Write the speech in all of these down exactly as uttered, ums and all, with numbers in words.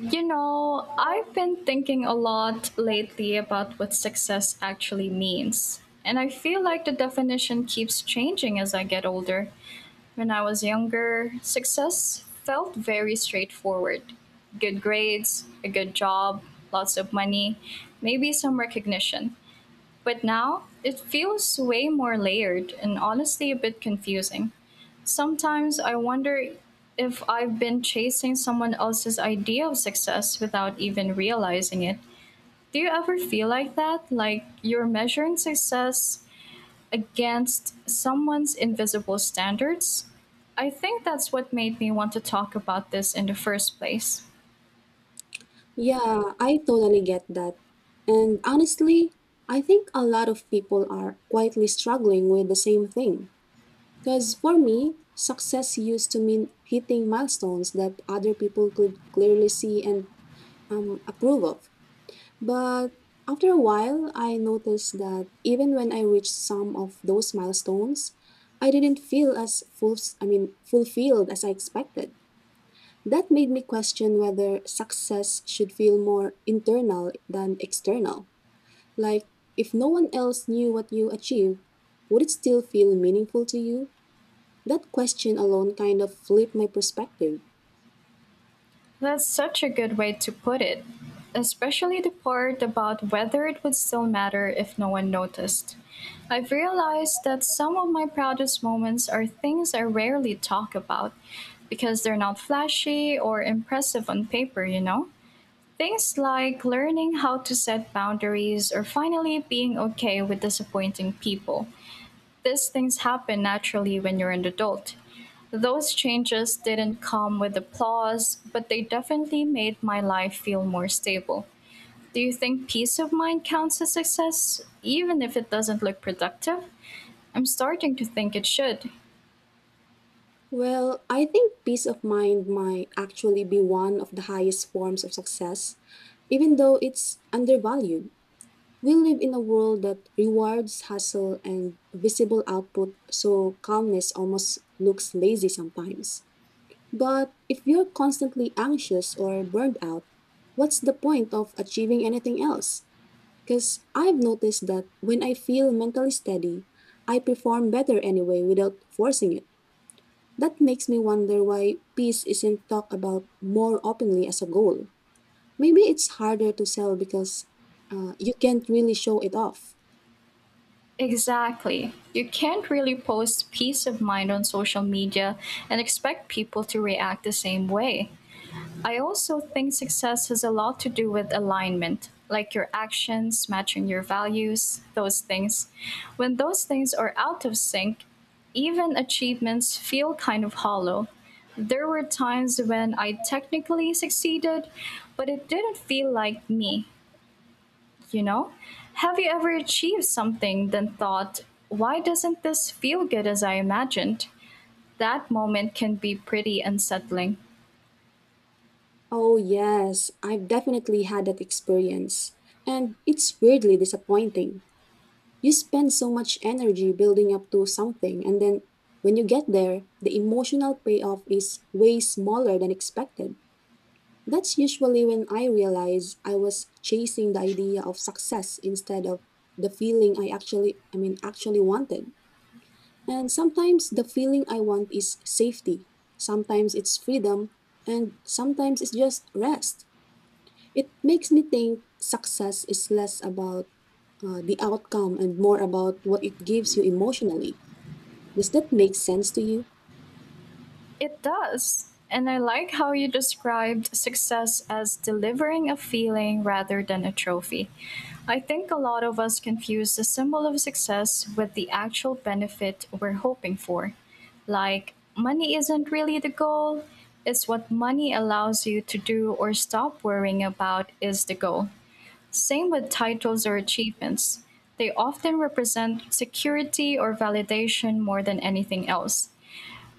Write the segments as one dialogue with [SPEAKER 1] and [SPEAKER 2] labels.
[SPEAKER 1] You know, I've been thinking a lot lately about what success actually means. And I feel like the definition keeps changing as I get older. When I was younger, success felt very straightforward, good grades, a good job, lots of money, maybe some recognition. But now it feels way more layered and honestly a bit confusing. Sometimes I wonder if I've been chasing someone else's idea of success without even realizing it. Do you ever feel like that? Like you're measuring success against someone's invisible standards? I think that's what made me want to talk about this in the first place.
[SPEAKER 2] Yeah, I totally get that. And honestly, I think a lot of people are quietly struggling with the same thing. Because for me, success used to mean hitting milestones that other people could clearly see and um, approve of. But after a while, I noticed that even when I reached some of those milestones, I didn't feel as full, I mean, fulfilled as I expected. That made me question whether success should feel more internal than external. Like, if no one else knew what you achieved, would it still feel meaningful to you? That question alone kind of flipped my perspective.
[SPEAKER 1] That's such a good way to put it, especially the part about whether it would still matter if no one noticed. I've realized that some of my proudest moments are things I rarely talk about because they're not flashy or impressive on paper, you know? Things like learning how to set boundaries or finally being okay with disappointing people. These things happen naturally when you're an adult. Those changes didn't come with applause, but they definitely made my life feel more stable. Do you think peace of mind counts as success, even if it doesn't look productive? I'm starting to think it should.
[SPEAKER 2] Well, I think peace of mind might actually be one of the highest forms of success, even though it's undervalued. We live in a world that rewards hustle and visible output, so calmness almost looks lazy sometimes. But if you're constantly anxious or burned out, what's the point of achieving anything else? Because I've noticed that when I feel mentally steady, I perform better anyway without forcing it. That makes me wonder why peace isn't talked about more openly as a goal. Maybe it's harder to sell because uh, you can't really show it off.
[SPEAKER 1] Exactly. You can't really post peace of mind on social media and expect people to react the same way. I also think success has a lot to do with alignment, like your actions matching your values, those things. When those things are out of sync, even achievements feel kind of hollow. There were times when I technically succeeded, but it didn't feel like me, you know? Have you ever achieved something, then thought, why doesn't this feel good as I imagined? That moment can be pretty unsettling.
[SPEAKER 2] Oh, yes, I've definitely had that experience. And it's weirdly disappointing. You spend so much energy building up to something, and then when you get there, the emotional payoff is way smaller than expected. That's usually when I realize I was chasing the idea of success instead of the feeling I actually I mean actually wanted. And sometimes the feeling I want is safety, sometimes it's freedom, and sometimes it's just rest. It makes me think success is less about uh, the outcome and more about what it gives you emotionally. Does that make sense to you?
[SPEAKER 1] It does. And I like how you described success as delivering a feeling rather than a trophy. I think a lot of us confuse the symbol of success with the actual benefit we're hoping for. Like, money isn't really the goal, it's what money allows you to do or stop worrying about is the goal. Same with titles or achievements. They often represent security or validation more than anything else.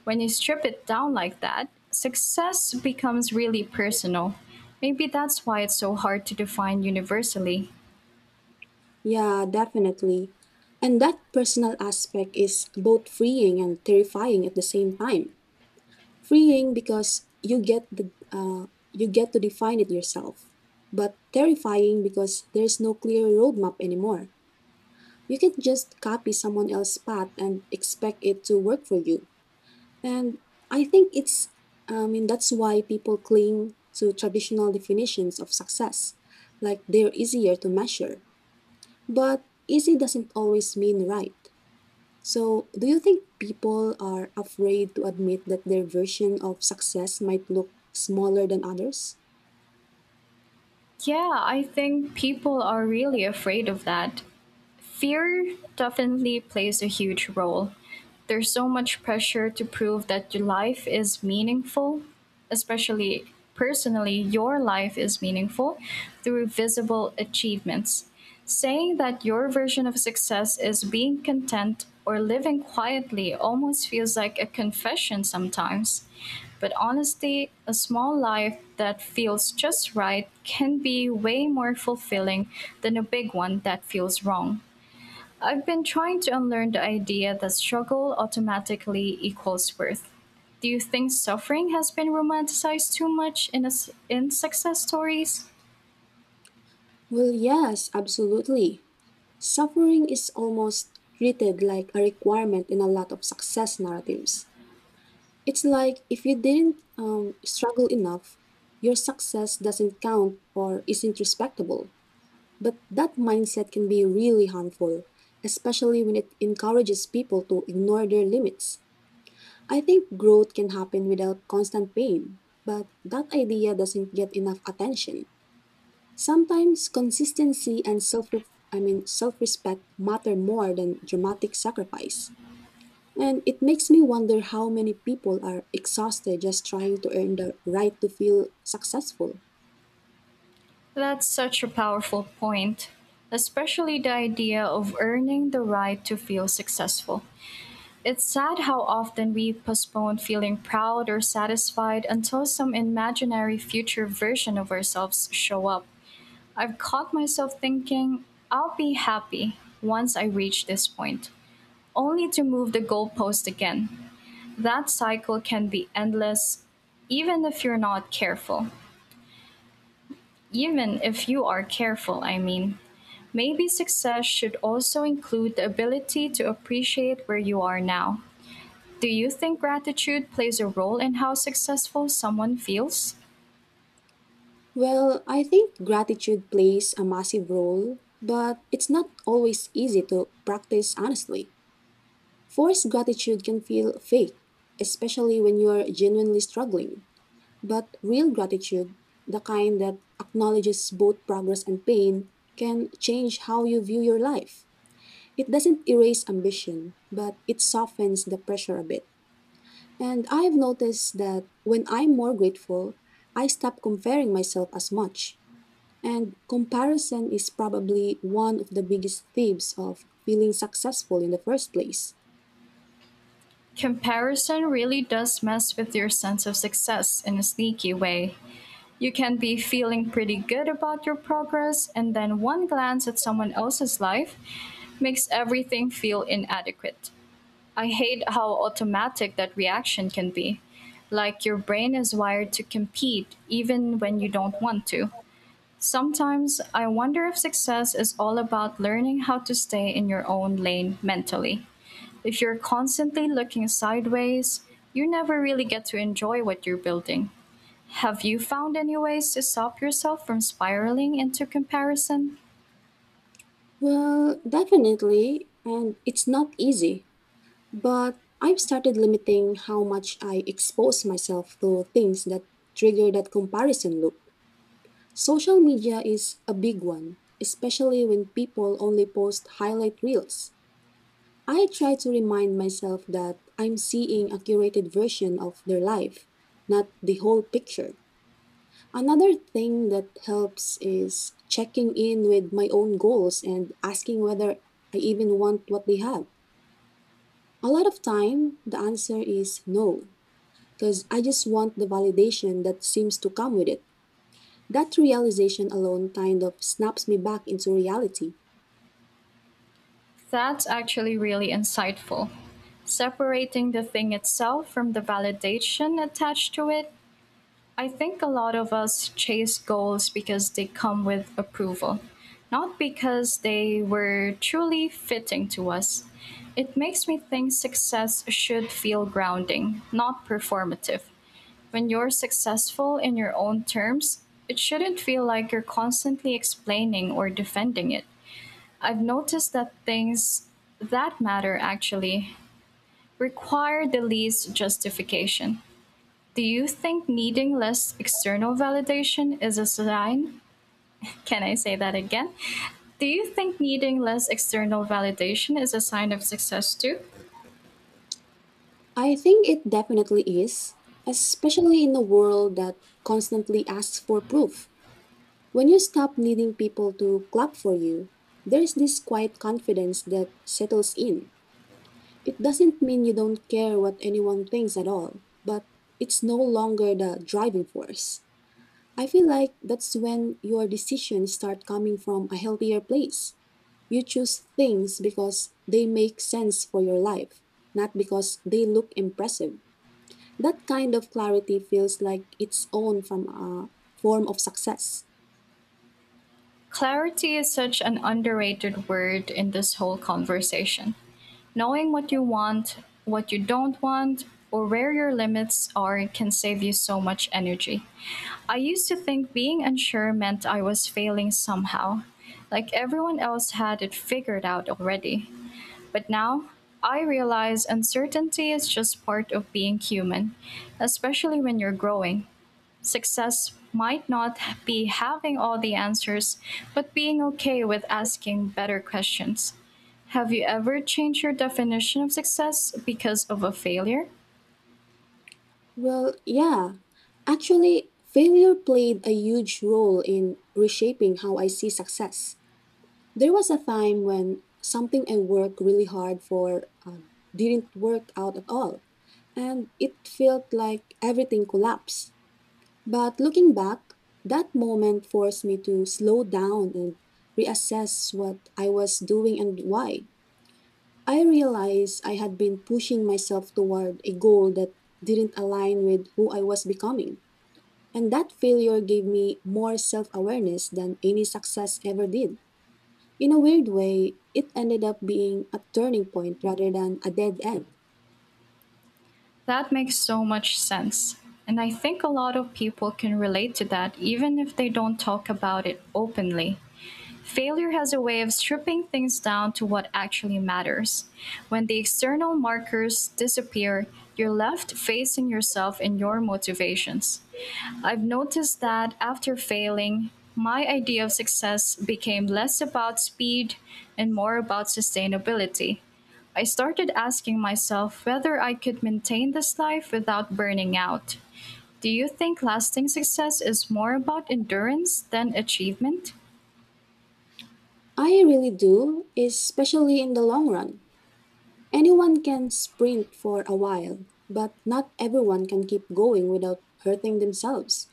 [SPEAKER 1] When you strip it down like that, success becomes really personal. Maybe that's why it's so hard to define universally.
[SPEAKER 2] Yeah, definitely. And that personal aspect is both freeing and terrifying at the same time. Freeing because you get the uh, you get to define it yourself, but terrifying because there's no clear roadmap anymore. You can just copy someone else's path and expect it to work for you. And I think it's I mean that's why people cling to traditional definitions of success, like they're easier to measure. But easy doesn't always mean right. So, do you think people are afraid to admit that their version of success might look smaller than others?
[SPEAKER 1] Yeah, I think people are really afraid of that. Fear definitely plays a huge role. There's so much pressure to prove that your life is meaningful, especially personally, your life is meaningful through visible achievements. Saying that your version of success is being content or living quietly almost feels like a confession sometimes. But honestly, a small life that feels just right can be way more fulfilling than a big one that feels wrong. I've been trying to unlearn the idea that struggle automatically equals worth. Do you think suffering has been romanticized too much in, us in success stories?
[SPEAKER 2] Well, yes, absolutely. Suffering is almost treated like a requirement in a lot of success narratives. It's like if you didn't um, struggle enough, your success doesn't count or isn't respectable. But that mindset can be really harmful, especially when it encourages people to ignore their limits. I think growth can happen without constant pain, but that idea doesn't get enough attention. Sometimes consistency and self I mean self-respect matter more than dramatic sacrifice. And it makes me wonder how many people are exhausted just trying to earn the right to feel successful.
[SPEAKER 1] That's such a powerful point, especially the idea of earning the right to feel successful. It's sad how often we postpone feeling proud or satisfied until some imaginary future version of ourselves show up. I've caught myself thinking, I'll be happy once I reach this point, only to move the goalpost again. That cycle can be endless, even if you're not careful. Even if you are careful, I mean. Maybe success should also include the ability to appreciate where you are now. Do you think gratitude plays a role in how successful someone feels?
[SPEAKER 2] Well, I think gratitude plays a massive role, but it's not always easy to practice honestly. Forced gratitude can feel fake, especially when you're genuinely struggling. But real gratitude, the kind that acknowledges both progress and pain, can change how you view your life. It doesn't erase ambition, but it softens the pressure a bit. And I've noticed that when I'm more grateful, I stop comparing myself as much. And comparison is probably one of the biggest thieves of feeling successful in the first place.
[SPEAKER 1] Comparison really does mess with your sense of success in a sneaky way. You can be feeling pretty good about your progress, and then one glance at someone else's life makes everything feel inadequate. I hate how automatic that reaction can be. Like your brain is wired to compete even when you don't want to. Sometimes I wonder if success is all about learning how to stay in your own lane mentally. If you're constantly looking sideways, you never really get to enjoy what you're building. Have you found any ways to stop yourself from spiraling into comparison?
[SPEAKER 2] Well, definitely, and it's not easy. But I've started limiting how much I expose myself to things that trigger that comparison loop. Social media is a big one, especially when people only post highlight reels. I try to remind myself that I'm seeing a curated version of their life, not the whole picture. Another thing that helps is checking in with my own goals and asking whether I even want what they have. A lot of time, the answer is no, because I just want the validation that seems to come with it. That realization alone kind of snaps me back into reality.
[SPEAKER 1] That's actually really insightful. Separating the thing itself from the validation attached to it, I think a lot of us chase goals because they come with approval, not because they were truly fitting to us. It makes me think success should feel grounding, not performative. When you're successful in your own terms, it shouldn't feel like you're constantly explaining or defending it. I've noticed that things that matter actually require the least justification. Do you think needing less external validation is a sign? Can I say that again? Do you think needing less external validation is a sign of success too?
[SPEAKER 2] I think it definitely is, especially in a world that constantly asks for proof. When you stop needing people to clap for you, there's this quiet confidence that settles in. It doesn't mean you don't care what anyone thinks at all, but it's no longer the driving force. I feel like that's when your decisions start coming from a healthier place. You choose things because they make sense for your life, not because they look impressive. That kind of clarity feels like its own from a form of success.
[SPEAKER 1] Clarity is such an underrated word in this whole conversation. Knowing what you want, what you don't want, or where your limits are can save you so much energy. I used to think being unsure meant I was failing somehow, like everyone else had it figured out already. But now, I realize uncertainty is just part of being human, especially when you're growing. Success might not be having all the answers, but being okay with asking better questions. Have you ever changed your definition of success because of a failure?
[SPEAKER 2] Well, yeah. Actually, failure played a huge role in reshaping how I see success. There was a time when something I worked really hard for um, didn't work out at all, and it felt like everything collapsed. But looking back, that moment forced me to slow down and reassess what I was doing and why. I realized I had been pushing myself toward a goal that didn't align with who I was becoming, and that failure gave me more self awareness than any success ever did. In a weird way, it ended up being a turning point rather than a dead end.
[SPEAKER 1] That makes so much sense. And I think a lot of people can relate to that even if they don't talk about it openly. Failure has a way of stripping things down to what actually matters. When the external markers disappear, you're left facing yourself and your motivations. I've noticed that after failing, my idea of success became less about speed and more about sustainability. I started asking myself whether I could maintain this life without burning out. Do you think lasting success is more about endurance than achievement?
[SPEAKER 2] I really do, especially in the long run. Anyone can sprint for a while, but not everyone can keep going without hurting themselves.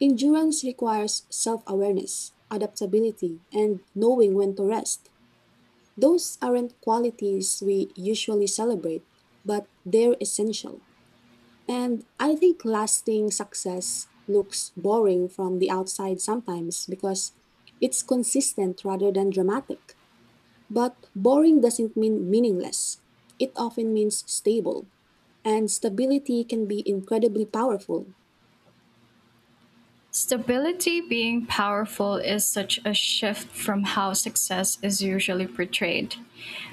[SPEAKER 2] Endurance requires self awareness, adaptability, and knowing when to rest. Those aren't qualities we usually celebrate, but they're essential. And I think lasting success looks boring from the outside sometimes because it's consistent rather than dramatic. But boring doesn't mean meaningless, it often means stable, and stability can be incredibly powerful.
[SPEAKER 1] Stability being powerful is such a shift from how success is usually portrayed.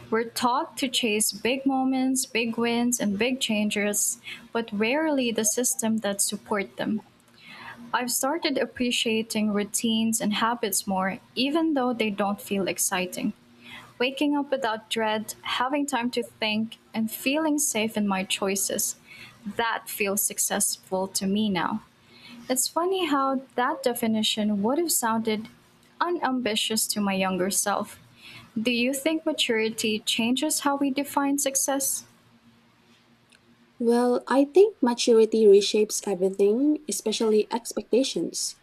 [SPEAKER 1] We're taught to chase big moments, big wins, and big changes, but rarely the system that support them. I've started appreciating routines and habits more, even though they don't feel exciting. Waking up without dread, having time to think, and feeling safe in my choices. That feels successful to me now. It's funny how that definition would have sounded unambitious to my younger self. Do you think maturity changes how we define success?
[SPEAKER 2] Well, I think maturity reshapes everything, especially expectations.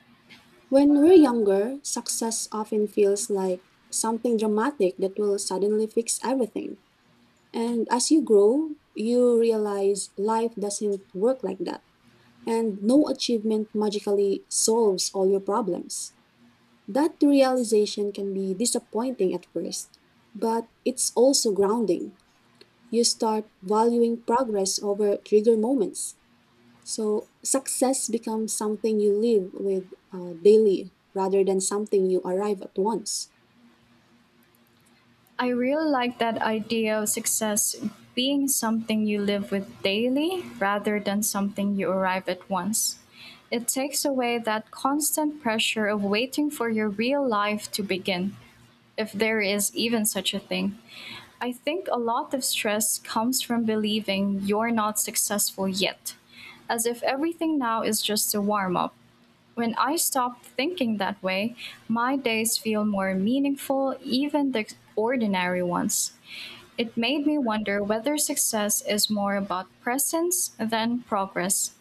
[SPEAKER 2] When we're younger, success often feels like something dramatic that will suddenly fix everything. And as you grow, you realize life doesn't work like that. And no achievement magically solves all your problems. That realization can be disappointing at first, but it's also grounding. You start valuing progress over trigger moments. So success becomes something you live with uh, daily rather than something you arrive at once.
[SPEAKER 1] I really like that idea of success being something you live with daily rather than something you arrive at once. It takes away that constant pressure of waiting for your real life to begin, if there is even such a thing. I think a lot of stress comes from believing you're not successful yet, as if everything now is just a warm up. When I stop thinking that way, my days feel more meaningful, even the ordinary ones. It made me wonder whether success is more about presence than progress.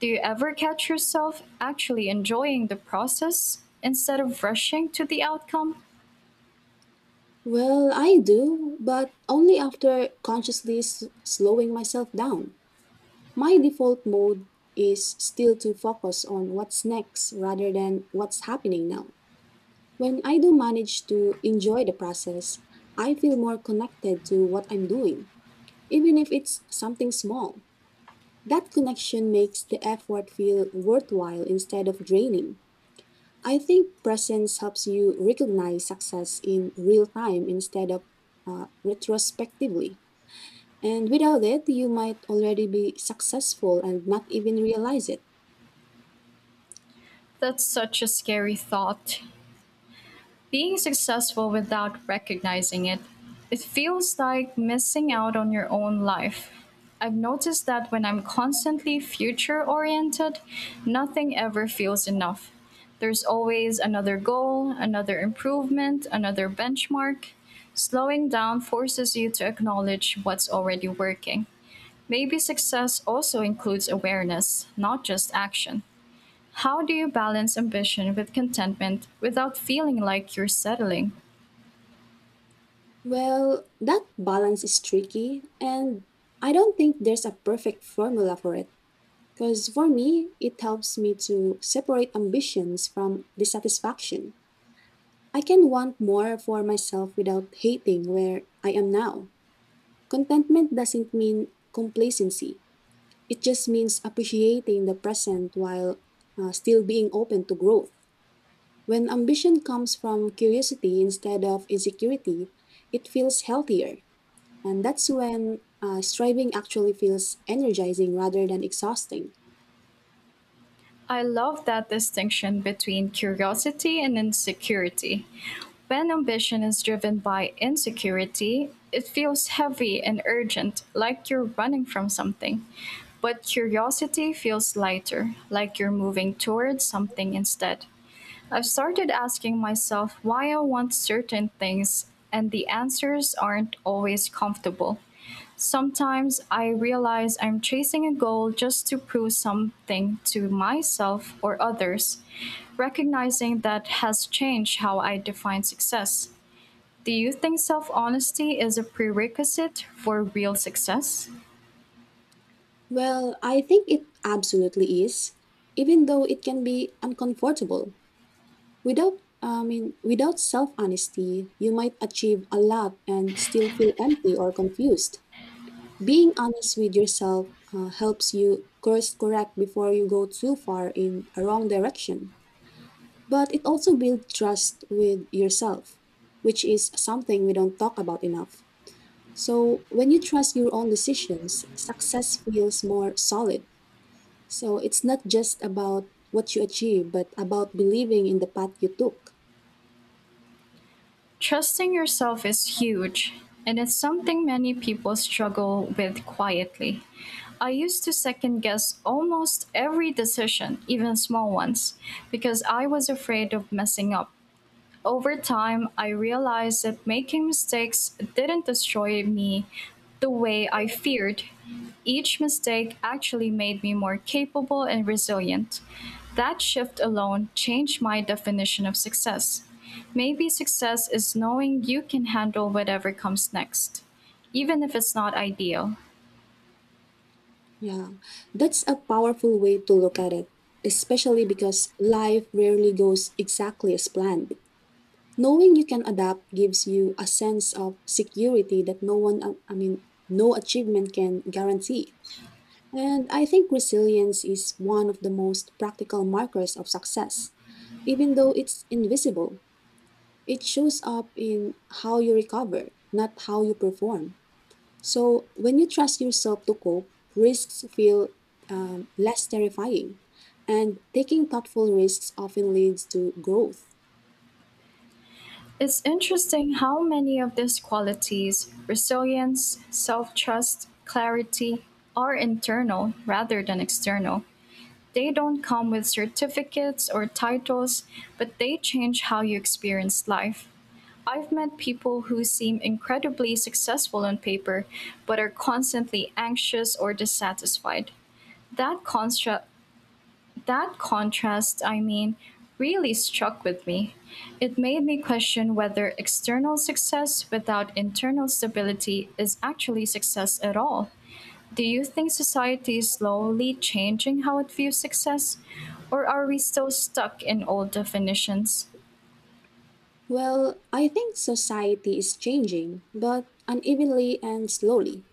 [SPEAKER 1] Do you ever catch yourself actually enjoying the process instead of rushing to the outcome?
[SPEAKER 2] Well, I do, but only after consciously s- slowing myself down. My default mode is still to focus on what's next rather than what's happening now. When I do manage to enjoy the process, I feel more connected to what I'm doing, even if it's something small. That connection makes the effort feel worthwhile instead of draining. I think presence helps you recognize success in real time instead of uh, retrospectively. And without it, you might already be successful and not even realize it.
[SPEAKER 1] That's such a scary thought. Being successful without recognizing it, it feels like missing out on your own life. I've noticed that when I'm constantly future oriented, nothing ever feels enough. There's always another goal, another improvement, another benchmark. Slowing down forces you to acknowledge what's already working. Maybe success also includes awareness, not just action. How do you balance ambition with contentment without feeling like you're settling?
[SPEAKER 2] Well, that balance is tricky, and I don't think there's a perfect formula for it. Because for me, it helps me to separate ambitions from dissatisfaction. I can want more for myself without hating where I am now. Contentment doesn't mean complacency. It just means appreciating the present while uh, still being open to growth. When ambition comes from curiosity instead of insecurity, it feels healthier. And that's when uh, striving actually feels energizing rather than exhausting.
[SPEAKER 1] I love that distinction between curiosity and insecurity. When ambition is driven by insecurity, it feels heavy and urgent, like you're running from something. But curiosity feels lighter, like you're moving towards something instead. I've started asking myself why I want certain things, and the answers aren't always comfortable. Sometimes I realize I'm chasing a goal just to prove something to myself or others. Recognizing that has changed how I define success. Do you think self honesty is a prerequisite for real success?
[SPEAKER 2] Well, I think it absolutely is, even though it can be uncomfortable. Without I mean, without self honesty, you might achieve a lot and still feel empty or confused. Being honest with yourself uh, helps you course correct before you go too far in a wrong direction. But it also builds trust with yourself, which is something we don't talk about enough. So when you trust your own decisions, success feels more solid. So it's not just about what you achieve, but about believing in the path you took.
[SPEAKER 1] Trusting yourself is huge, and it's something many people struggle with quietly. I used to second guess almost every decision, even small ones, because I was afraid of messing up. Over time, I realized that making mistakes didn't destroy me the way I feared. Each mistake actually made me more capable and resilient. That shift alone changed my definition of success. Maybe success is knowing you can handle whatever comes next, even if it's not ideal.
[SPEAKER 2] Yeah, that's a powerful way to look at it, especially because life rarely goes exactly as planned. Knowing you can adapt gives you a sense of security that no one, uh, I mean, no achievement can guarantee. And I think resilience is one of the most practical markers of success. Even though it's invisible, it shows up in how you recover, not how you perform. So when you trust yourself to cope, risks feel um, less terrifying. And taking thoughtful risks often leads to growth.
[SPEAKER 1] It's interesting how many of these qualities, resilience, self trust, clarity, are internal rather than external. They don't come with certificates or titles, but they change how you experience life. I've met people who seem incredibly successful on paper, but are constantly anxious or dissatisfied. That constra- that contrast, I mean, really struck with me. It made me question whether external success without internal stability is actually success at all. Do you think society is slowly changing how it views success? Or are we still stuck in old definitions?
[SPEAKER 2] Well, I think society is changing, but unevenly and slowly.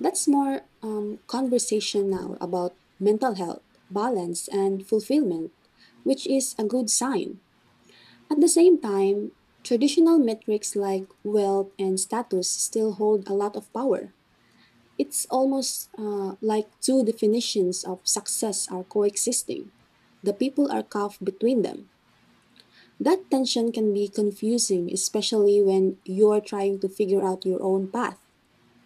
[SPEAKER 2] That's more um, conversation now about mental health, balance, and fulfillment, which is a good sign. At the same time, traditional metrics like wealth and status still hold a lot of power. It's almost uh, like two definitions of success are coexisting. The people are caught between them. That tension can be confusing, especially when you're trying to figure out your own path.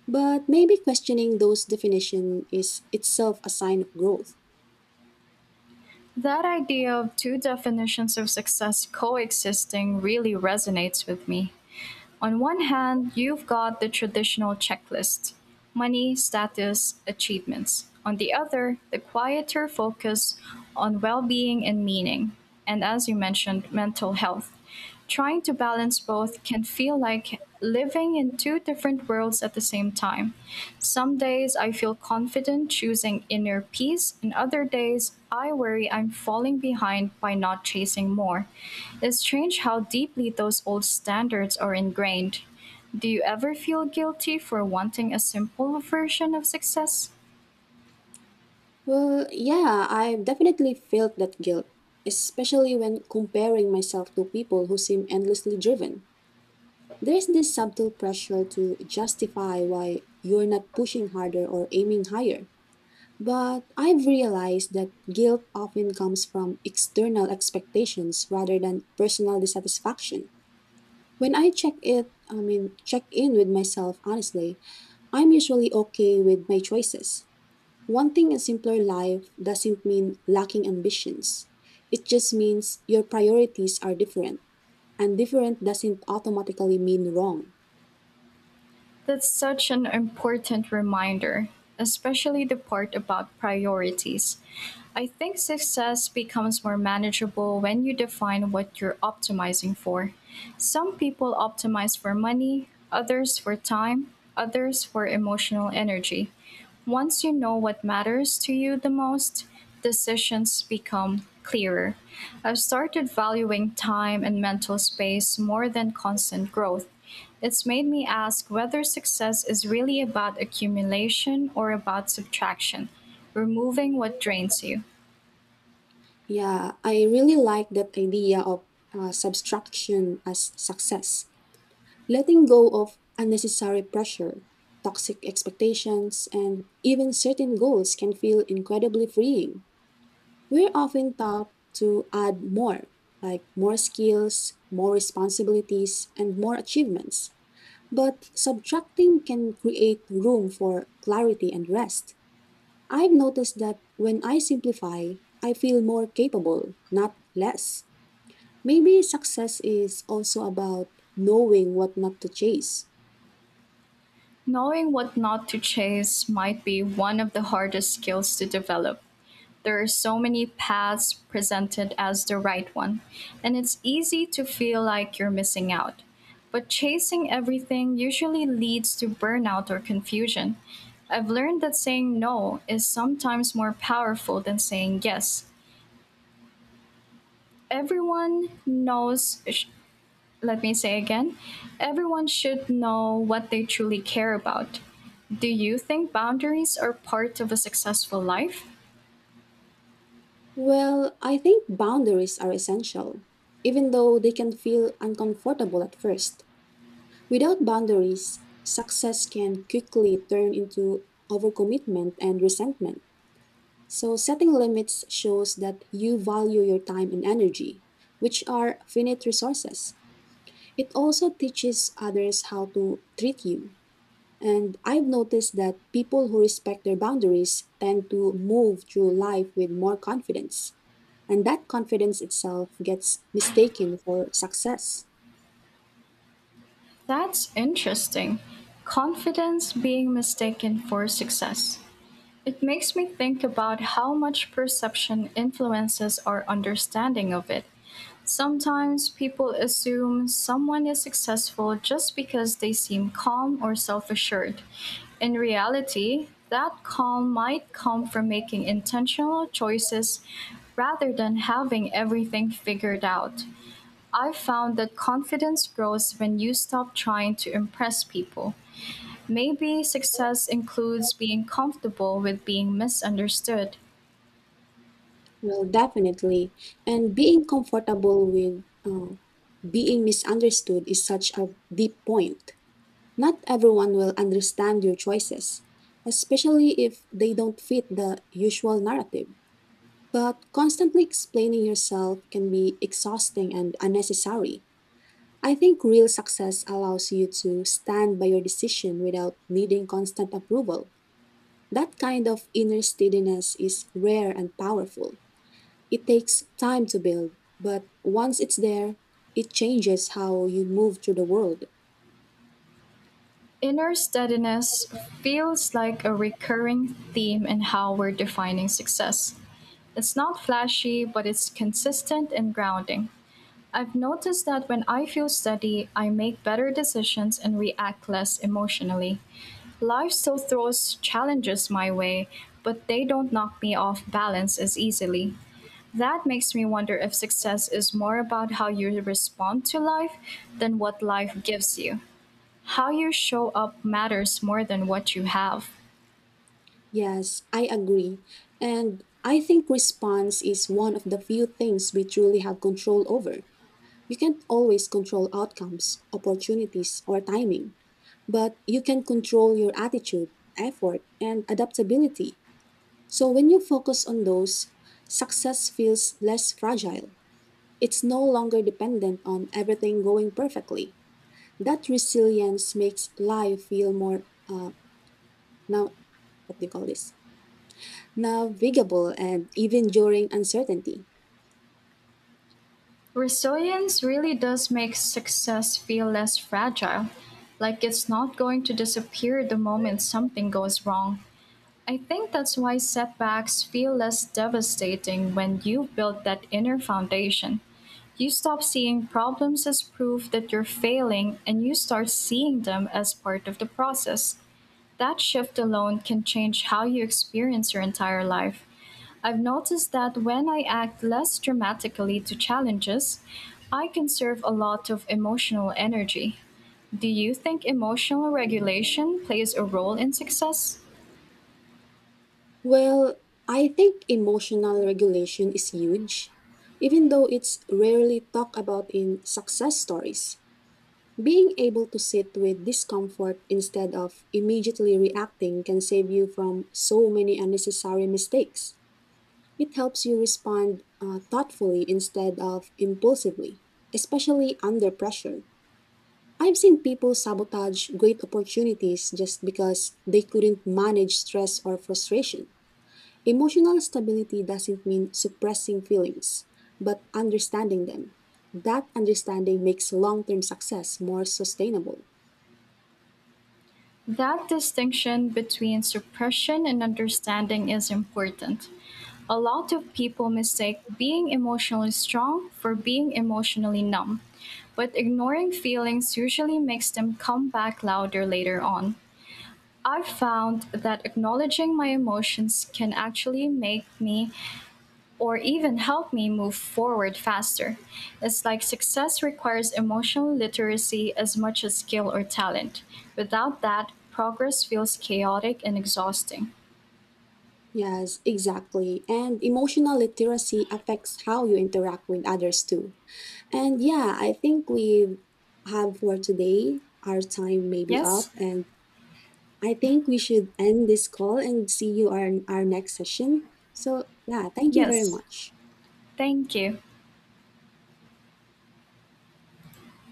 [SPEAKER 2] But maybe questioning those definitions is itself a sign of growth.
[SPEAKER 1] That idea of two definitions of success coexisting really resonates with me. On one hand, you've got the traditional checklist, money, status, achievements. On the other, the quieter focus on well being and meaning, and as you mentioned, mental health. Trying to balance both can feel like living in two different worlds at the same time. Some days I feel confident choosing inner peace, and other days I worry I'm falling behind by not chasing more. It's strange how deeply those old standards are ingrained. Do you ever feel guilty for wanting a simple version of success?
[SPEAKER 2] Well, yeah, I definitely felt that guilt, especially when comparing myself to people who seem endlessly driven. There's this subtle pressure to justify why you're not pushing harder or aiming higher. But I've realized that guilt often comes from external expectations rather than personal dissatisfaction. When I check it, I mean, check in with myself honestly, I'm usually okay with my choices. Wanting a simpler life doesn't mean lacking ambitions. It just means your priorities are different, and different doesn't automatically mean wrong.
[SPEAKER 1] That's such an important reminder, especially the part about priorities. I think success becomes more manageable when you define what you're optimizing for. Some people optimize for money, others for time, others for emotional energy. Once you know what matters to you the most, decisions become clearer. I've started valuing time and mental space more than constant growth. It's made me ask whether success is really about accumulation or about subtraction, removing what drains you.
[SPEAKER 2] Yeah, I really like that idea of uh, subtraction as success, letting go of unnecessary pressure. Toxic expectations and even certain goals can feel incredibly freeing. We're often taught to add more, like more skills, more responsibilities, and more achievements. But subtracting can create room for clarity and rest. I've noticed that when I simplify, I feel more capable, not less. Maybe success is also about knowing what not to chase.
[SPEAKER 1] Knowing what not to chase might be one of the hardest skills to develop. There are so many paths presented as the right one, and it's easy to feel like you're missing out. But chasing everything usually leads to burnout or confusion. I've learned that saying no is sometimes more powerful than saying yes. Everyone knows let me say again everyone should know what they truly care about. Do you think boundaries are part of a successful life?
[SPEAKER 2] Well, I think boundaries are essential, even though they can feel uncomfortable at first. Without boundaries, success can quickly turn into overcommitment and resentment. So, setting limits shows that you value your time and energy, which are finite resources. It also teaches others how to treat you. And I've noticed that people who respect their boundaries tend to move through life with more confidence. And that confidence itself gets mistaken for success.
[SPEAKER 1] That's interesting. Confidence being mistaken for success. It makes me think about how much perception influences our understanding of it. Sometimes people assume someone is successful just because they seem calm or self assured. In reality, that calm might come from making intentional choices rather than having everything figured out. I found that confidence grows when you stop trying to impress people. Maybe success includes being comfortable with being misunderstood.
[SPEAKER 2] Well, definitely. And being comfortable with uh, being misunderstood is such a deep point. Not everyone will understand your choices, especially if they don't fit the usual narrative. But constantly explaining yourself can be exhausting and unnecessary. I think real success allows you to stand by your decision without needing constant approval. That kind of inner steadiness is rare and powerful. It takes time to build, but once it's there, it changes how you move through the world.
[SPEAKER 1] Inner steadiness feels like a recurring theme in how we're defining success. It's not flashy, but it's consistent and grounding. I've noticed that when I feel steady, I make better decisions and react less emotionally. Life still throws challenges my way, but they don't knock me off balance as easily. That makes me wonder if success is more about how you respond to life than what life gives you. How you show up matters more than what you have.
[SPEAKER 2] Yes, I agree. And I think response is one of the few things we truly have control over. You can't always control outcomes, opportunities, or timing, but you can control your attitude, effort, and adaptability. So when you focus on those, success feels less fragile. It's no longer dependent on everything going perfectly. That resilience makes life feel more uh, now what do you call this navigable and even during uncertainty.
[SPEAKER 1] Resilience really does make success feel less fragile, like it's not going to disappear the moment something goes wrong. I think that's why setbacks feel less devastating when you build that inner foundation. You stop seeing problems as proof that you're failing and you start seeing them as part of the process. That shift alone can change how you experience your entire life. I've noticed that when I act less dramatically to challenges, I conserve a lot of emotional energy. Do you think emotional regulation plays a role in success?
[SPEAKER 2] Well, I think emotional regulation is huge, even though it's rarely talked about in success stories. Being able to sit with discomfort instead of immediately reacting can save you from so many unnecessary mistakes. It helps you respond uh, thoughtfully instead of impulsively, especially under pressure. I've seen people sabotage great opportunities just because they couldn't manage stress or frustration. Emotional stability doesn't mean suppressing feelings, but understanding them. That understanding makes long term success more sustainable.
[SPEAKER 1] That distinction between suppression and understanding is important. A lot of people mistake being emotionally strong for being emotionally numb, but ignoring feelings usually makes them come back louder later on. I've found that acknowledging my emotions can actually make me or even help me move forward faster. It's like success requires emotional literacy as much as skill or talent. Without that, progress feels chaotic and exhausting.
[SPEAKER 2] Yes, exactly. And emotional literacy affects how you interact with others too. And yeah, I think we have for today. Our time may be up,
[SPEAKER 1] Yes?
[SPEAKER 2] and I think we should end this call and see you on our next session. So, yeah, thank you very
[SPEAKER 1] Yes.
[SPEAKER 2] much.
[SPEAKER 1] Thank you.